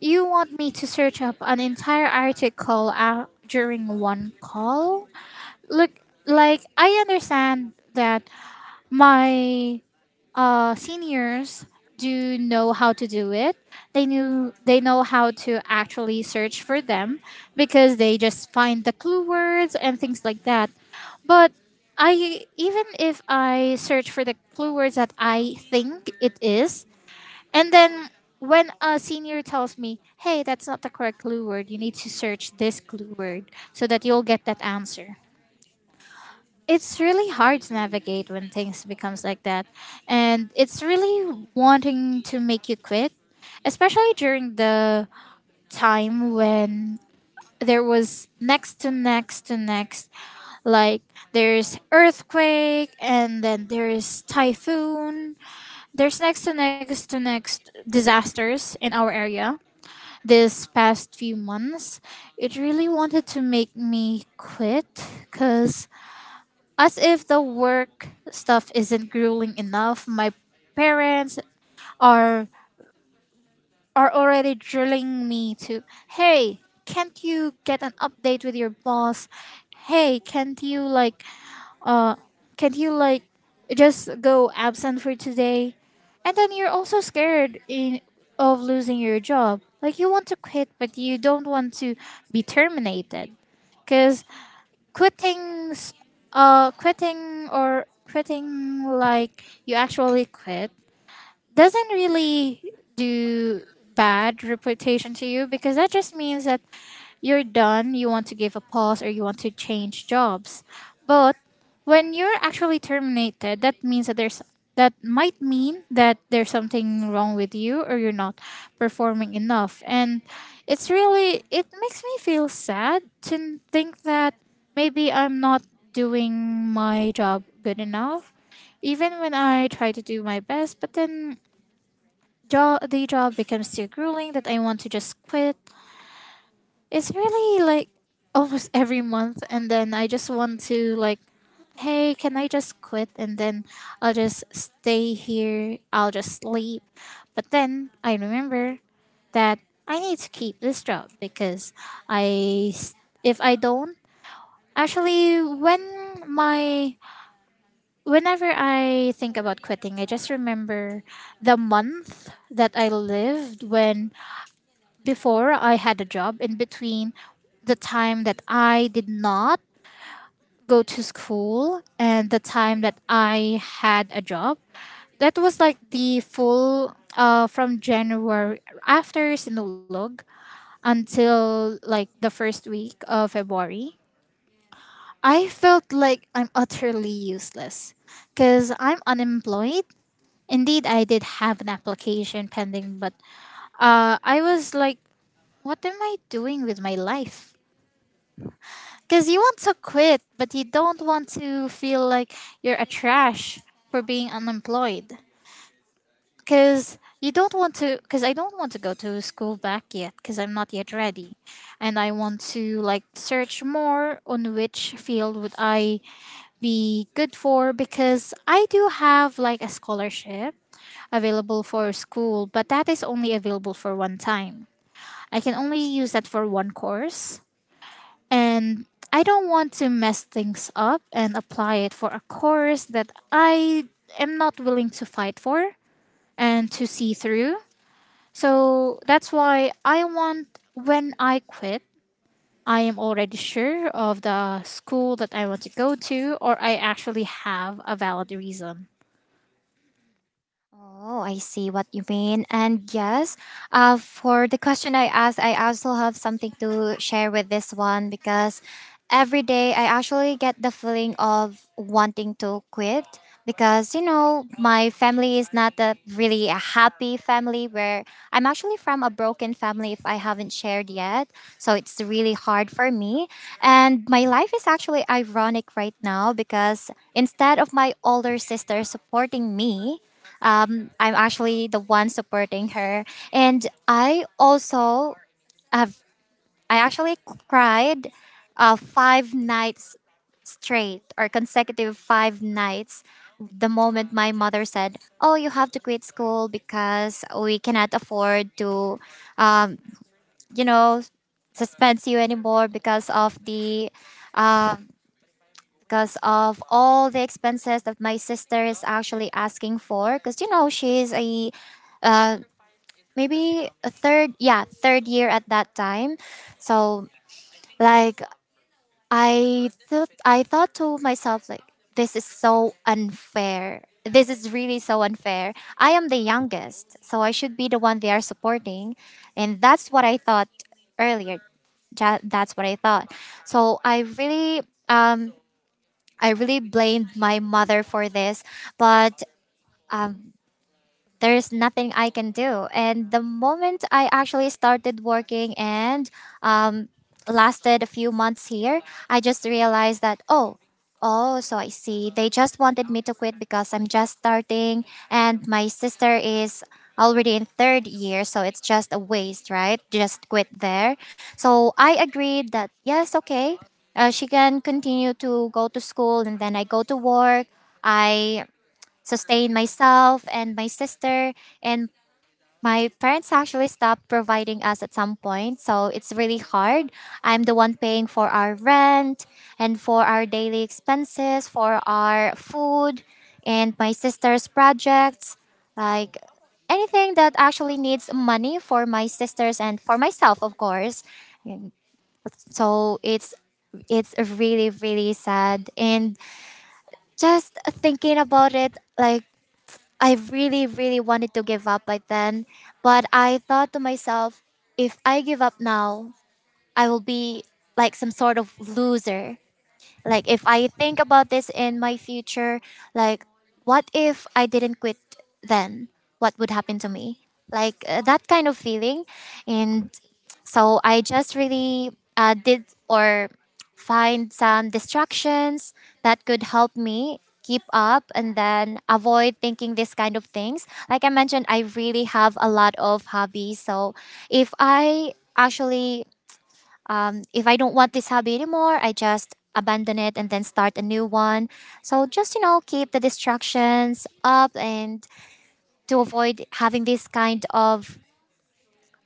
you want me to search up an entire article out during one call? Look, like, I understand that my seniors do know how to do it. They know how to actually search for them because they just find the clue words and things like that. But I, even if I search for the clue words that I think it is, and then when a senior tells me, "Hey, that's not the correct clue word. You need to search this clue word so that you'll get that answer." It's really hard to navigate when things becomes like that, and it's really wanting to make you quit, especially during the time when there was next to next to next, like, there's earthquake and then there's typhoon, there's next to next to next disasters in our area this past few months. It really wanted to make me quit because as if the work stuff isn't grueling enough, my parents are are already drilling me to, "Hey, can't you get an update with your boss? Hey, can't you like uh can't you like just go absent for today?" And then you're also scared in of losing your job. Like you want to quit, but you don't want to be terminated because quitting s- quitting, like you actually quit, doesn't really do bad reputation to you because that just means that you're done, you want to give a pause or you want to change jobs. But when you're actually terminated, that means that there's that might mean that there's something wrong with you or you're not performing enough. And It makes me feel sad to think that maybe I'm not doing my job good enough even when I try to do my best, but then job the job becomes too grueling that I want to just quit. It's really like almost every month, and then I just want to, like, hey, can I just quit, and then I'll just stay here, I'll just sleep. But then I remember that I need to keep this job because I s- if I don't actually when my whenever I think about quitting, I just remember the month that I lived when before I had a job, in between the time that I did not go to school and the time that I had a job. That was like the full, from January, after Sinulog, until like the first week of February. I felt like I'm utterly useless because I'm unemployed. Indeed, I did have an application pending, but I was like, what am I doing with my life? Because you want to quit, but you don't want to feel like you're a trash for being unemployed. Because you don't want to, because I don't want to go to school back yet, because I'm not yet ready. And I want to, like, search more on which field would I be good for, because I do have like a scholarship available for school, but that is only available for one time. I can only use that for one course, and I don't want to mess things up and apply it for a course that I am not willing to fight for and to see through. So that's why I want when I quit, I am already sure of the school that I want to go to, or I actually have a valid reason.
oh, I see what you mean. And yes, for the question I asked, I also have something to share with this one because every day I actually get the feeling of wanting to quit because, you know, my family is not a really a happy family. Where I'm actually from a broken family, if I haven't shared yet. So it's really hard for me. And my life is actually ironic right now because instead of my older sister supporting me, I'm actually the one supporting her, and I also have, I actually cried five nights straight, or consecutive five nights, the moment my mother said, oh, you have to quit school because we cannot afford to um, you know, suspend you anymore because of the uh, because of all the expenses that my sister is actually asking for because, you know, she's a uh, maybe a third year at that time. So like, I thought to myself, like, this is so unfair, this is really so unfair. I am the youngest, so I should be the one they are supporting. And that's what I thought earlier. That's what I thought. So I really um I really blamed my mother for this. But there's nothing I can do. And the moment I actually started working and um, lasted a few months here, I just realized that, oh, oh, so I see. They just wanted me to quit because I'm just starting and my sister is already in third year, so it's just a waste, right? Just quit there. So I agreed that, yes, okay, she can continue to go to school and then I go to work, I sustain myself and my sister. And my parents actually stopped providing us at some point, so it's really hard. I'm the one paying for our rent and for our daily expenses, for our food and my sister's projects, like anything that actually needs money, for my sisters and for myself, of course. And so it's really really sad, and just thinking about it, like I really, really wanted to give up by then. But I thought to myself, if I give up now, I will be like some sort of loser. Like if I think about this in my future, like what if I didn't quit then? What would happen to me? Like that kind of feeling. And so I just really did or find some distractions that could help me keep up and then avoid thinking this kind of things. Like I mentioned, I really have a lot of hobbies. So if I actually if I don't want this hobby anymore, I just abandon it and then start a new one. So just, you know, keep the distractions up and to avoid having this kind of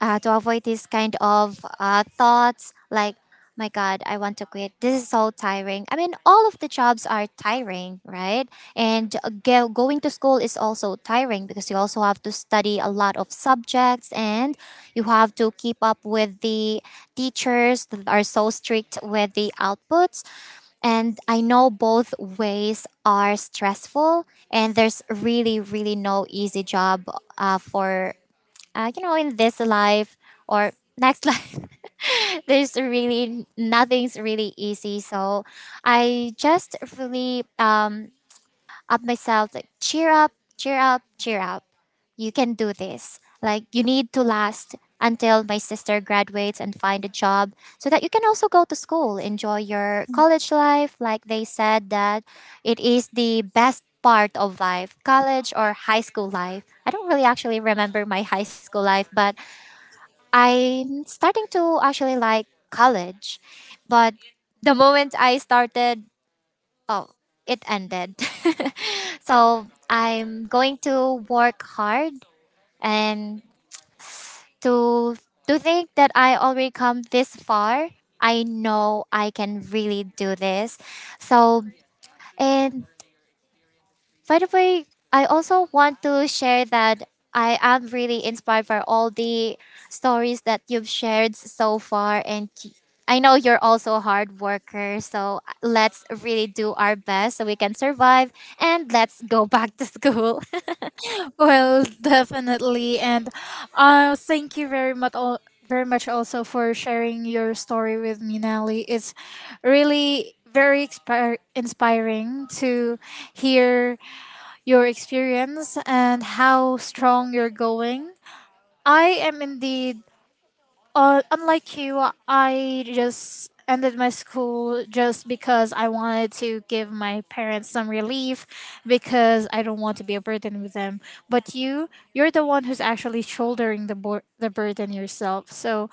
to avoid these kind of thoughts, like my god, I want to quit, this is so tiring. I mean, all of the jobs are tiring, right? And going to school is also tiring because you also have to study a lot of subjects, and you have to keep up with the teachers that are so strict with the outputs. And I know both ways are stressful, and there's really really no easy job for you know, in this life or next life, there's really nothing's really easy. So I just really up myself, like, cheer up, cheer up, cheer up. You can do this. Like, you need to last until my sister graduates and find a job so that you can also go to school, enjoy your college life. Like they said, that it is the best part of life, college or high school life. I don't really actually remember my high school life, but I'm starting to actually like college, but the moment I started, oh, it ended. So I'm going to work hard and to to think that I already come this far. I know I can really do this. So and By the way, I also want to share that I am really inspired by all the stories that you've shared so far, I know you're also a hard worker, so let's really do our best so we can survive and let's go back to school.
Well, definitely. And thank you very much, very much also for sharing your story with me, Nelly. It's really very inspiring to hear your experience and how strong you're going. I am indeed, unlike you, I just ended my school just because I wanted to give my parents some relief, because I don't want to be a burden with them. But you, you're the one who's actually shouldering the burden yourself. So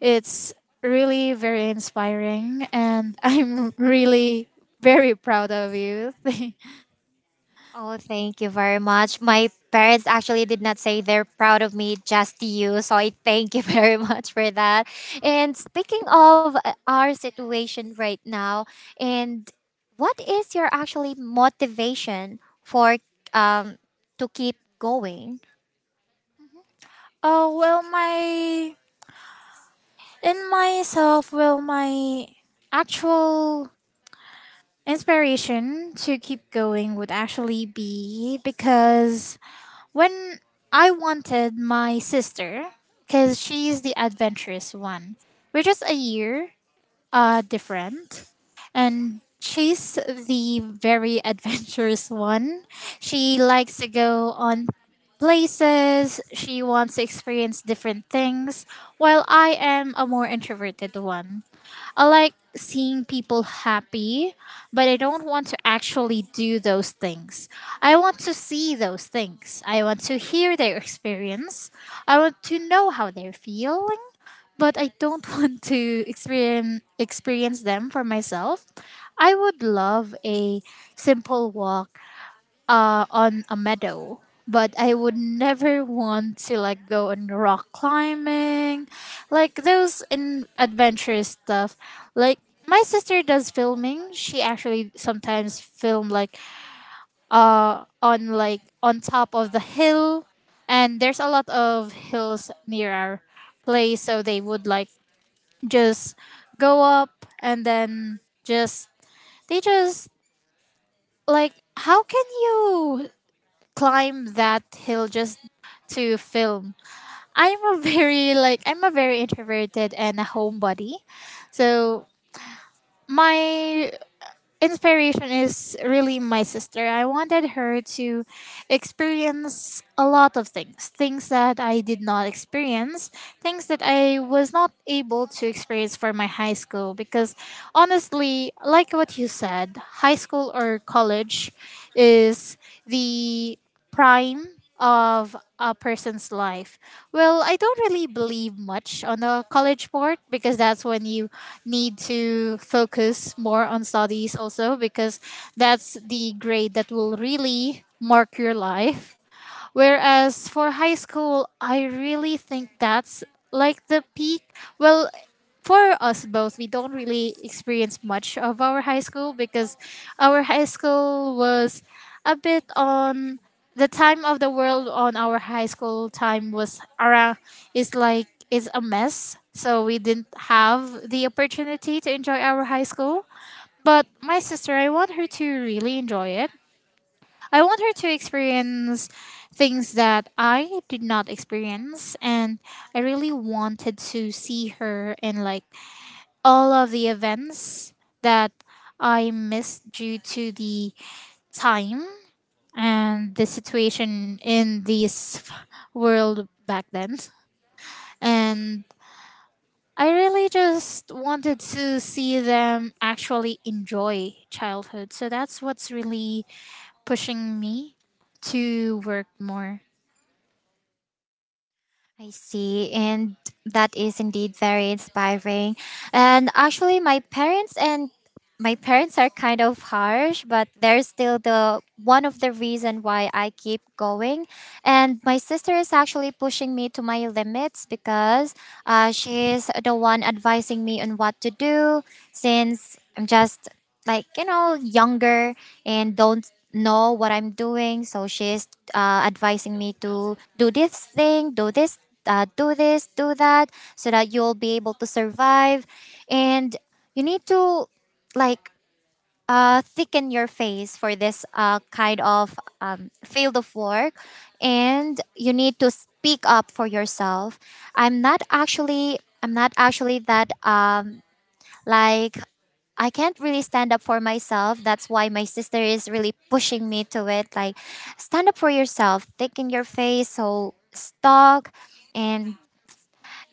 it's really very inspiring, and I'm really very proud of you.
Oh, thank you very much. My parents actually did not say they're proud of me, just you. So I thank you very much for that. And speaking of our situation right now, and what is your actually motivation for um to keep going?
oh, well my in myself, well my Actual inspiration to keep going would actually be because when I wanted my sister, because she's the adventurous one, we're just a year different. And she's the very adventurous one. She likes to go on places, she wants to experience different things, while I am a more introverted one. I like seeing people happy, but I don't want to actually do those things. I want to see those things. I want to hear their experience. I want to know how they're feeling, but I don't want to experience them for myself. I would love a simple walk on a meadow. But I would never want to, like, go on rock climbing, like those in adventurous stuff. Like, my sister does filming. She actually sometimes film like on, like, on top of the hill, and there's a lot of hills near our place, so they would, like, just go up and then just they just, like, how can you climb that hill just to film. I'm a very introverted and a homebody. So my inspiration is really my sister. I wanted her to experience a lot of things, things that I did not experience, things that I was not able to experience for my high school because, honestly, like what you said, high school or college is the prime of a person's life. Well, I don't really believe much on the college part, because that's when you need to focus more on studies also, because that's the grade that will really mark your life. Whereas for high school, I really think that's like the peak. Well, for us both, we don't really experience much of our high school because our high school was a bit on, the time of the world on our high school time was around, is like is a mess. So we didn't have the opportunity to enjoy our high school. But my sister, I want her to really enjoy it. I want her to experience things that I did not experience, and I really wanted to see her in, like, all of the events that I missed due to the time and the situation in this world back then. And I really just wanted to see them actually enjoy childhood. So that's what's really pushing me to work more.
I see, and that is indeed very inspiring. And actually, my parents are kind of harsh, but they're still the one of the reason why I keep going, and my sister is actually pushing me to my limits because she's the one advising me on what to do, since I'm just, like, you know, younger and don't know what I'm doing, so she's advising me to do this thing, do this, do this, do that, so that you'll be able to survive, and you need to, like, thicken your face for this kind of field of work, and you need to speak up for yourself. I'm not actually that like, I can't really stand up for myself, that's why my sister is really pushing me to it, like, stand up for yourself, thicken your face so stock. And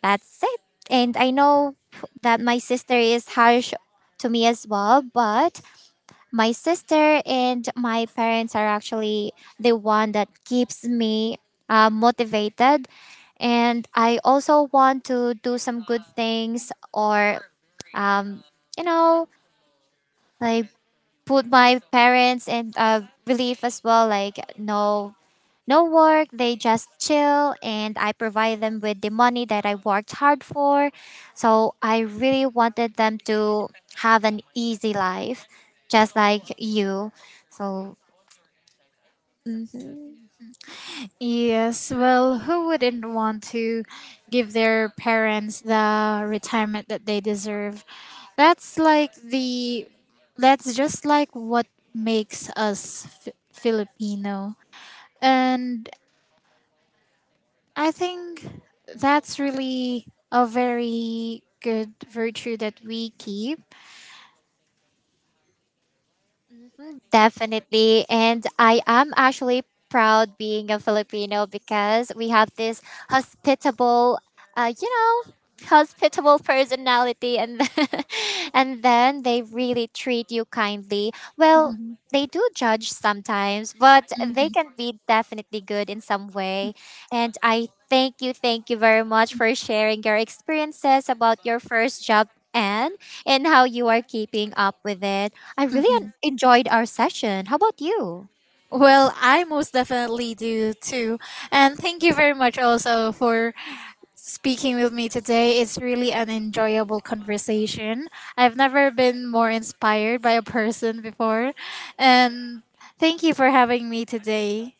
that's it. And I know that my sister is harsh to me as well, but my sister and my parents are actually the one that keeps me motivated, and I also want to do some good things or um, you know like put my parents in relief as well. Like, no, no work, they just chill, and I provide them with the money that I worked hard for. So I really wanted them to have an easy life, just like you. So
Yes, well, who wouldn't want to give their parents the retirement that they deserve? That's like the that's just like what makes us Filipino. And I think that's really a very good virtue that we keep.
definitely. And I am actually proud being a Filipino because we have this hospitable, uh, you know, hospitable personality. And then, and then they really treat you kindly. Well, they do judge sometimes, but they
Mhm,
can be definitely good in some way. And I thank you very much
mhm,
for sharing your experiences about your first job, and how you are keeping up with it. I really
mhm.
enjoyed our session. How about you?
Well, I most definitely do too. And thank you very much also for speaking with me today. It's really an enjoyable conversation. I've never been more inspired by a person before. And thank you for having me today.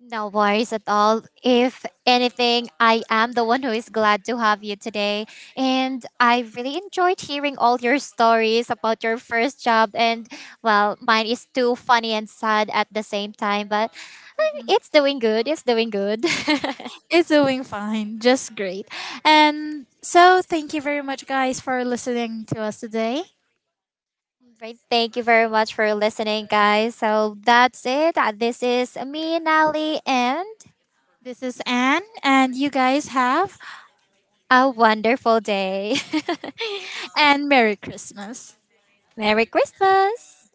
No worries at all. If anything, I am the one who is glad to have you today. And I really enjoyed hearing all your stories about your first job. And well, mine is too funny and sad at the same time, but
Mhm.
it's doing good. It's doing good.
It's doing fine, just great. And so, thank you very much, guys, for listening to us today.
Right. Thank you very much for listening, guys. So that's it. This is me, Nali, and
This is Anne, and you guys have,
a wonderful day.
and Merry Christmas.
Merry Christmas.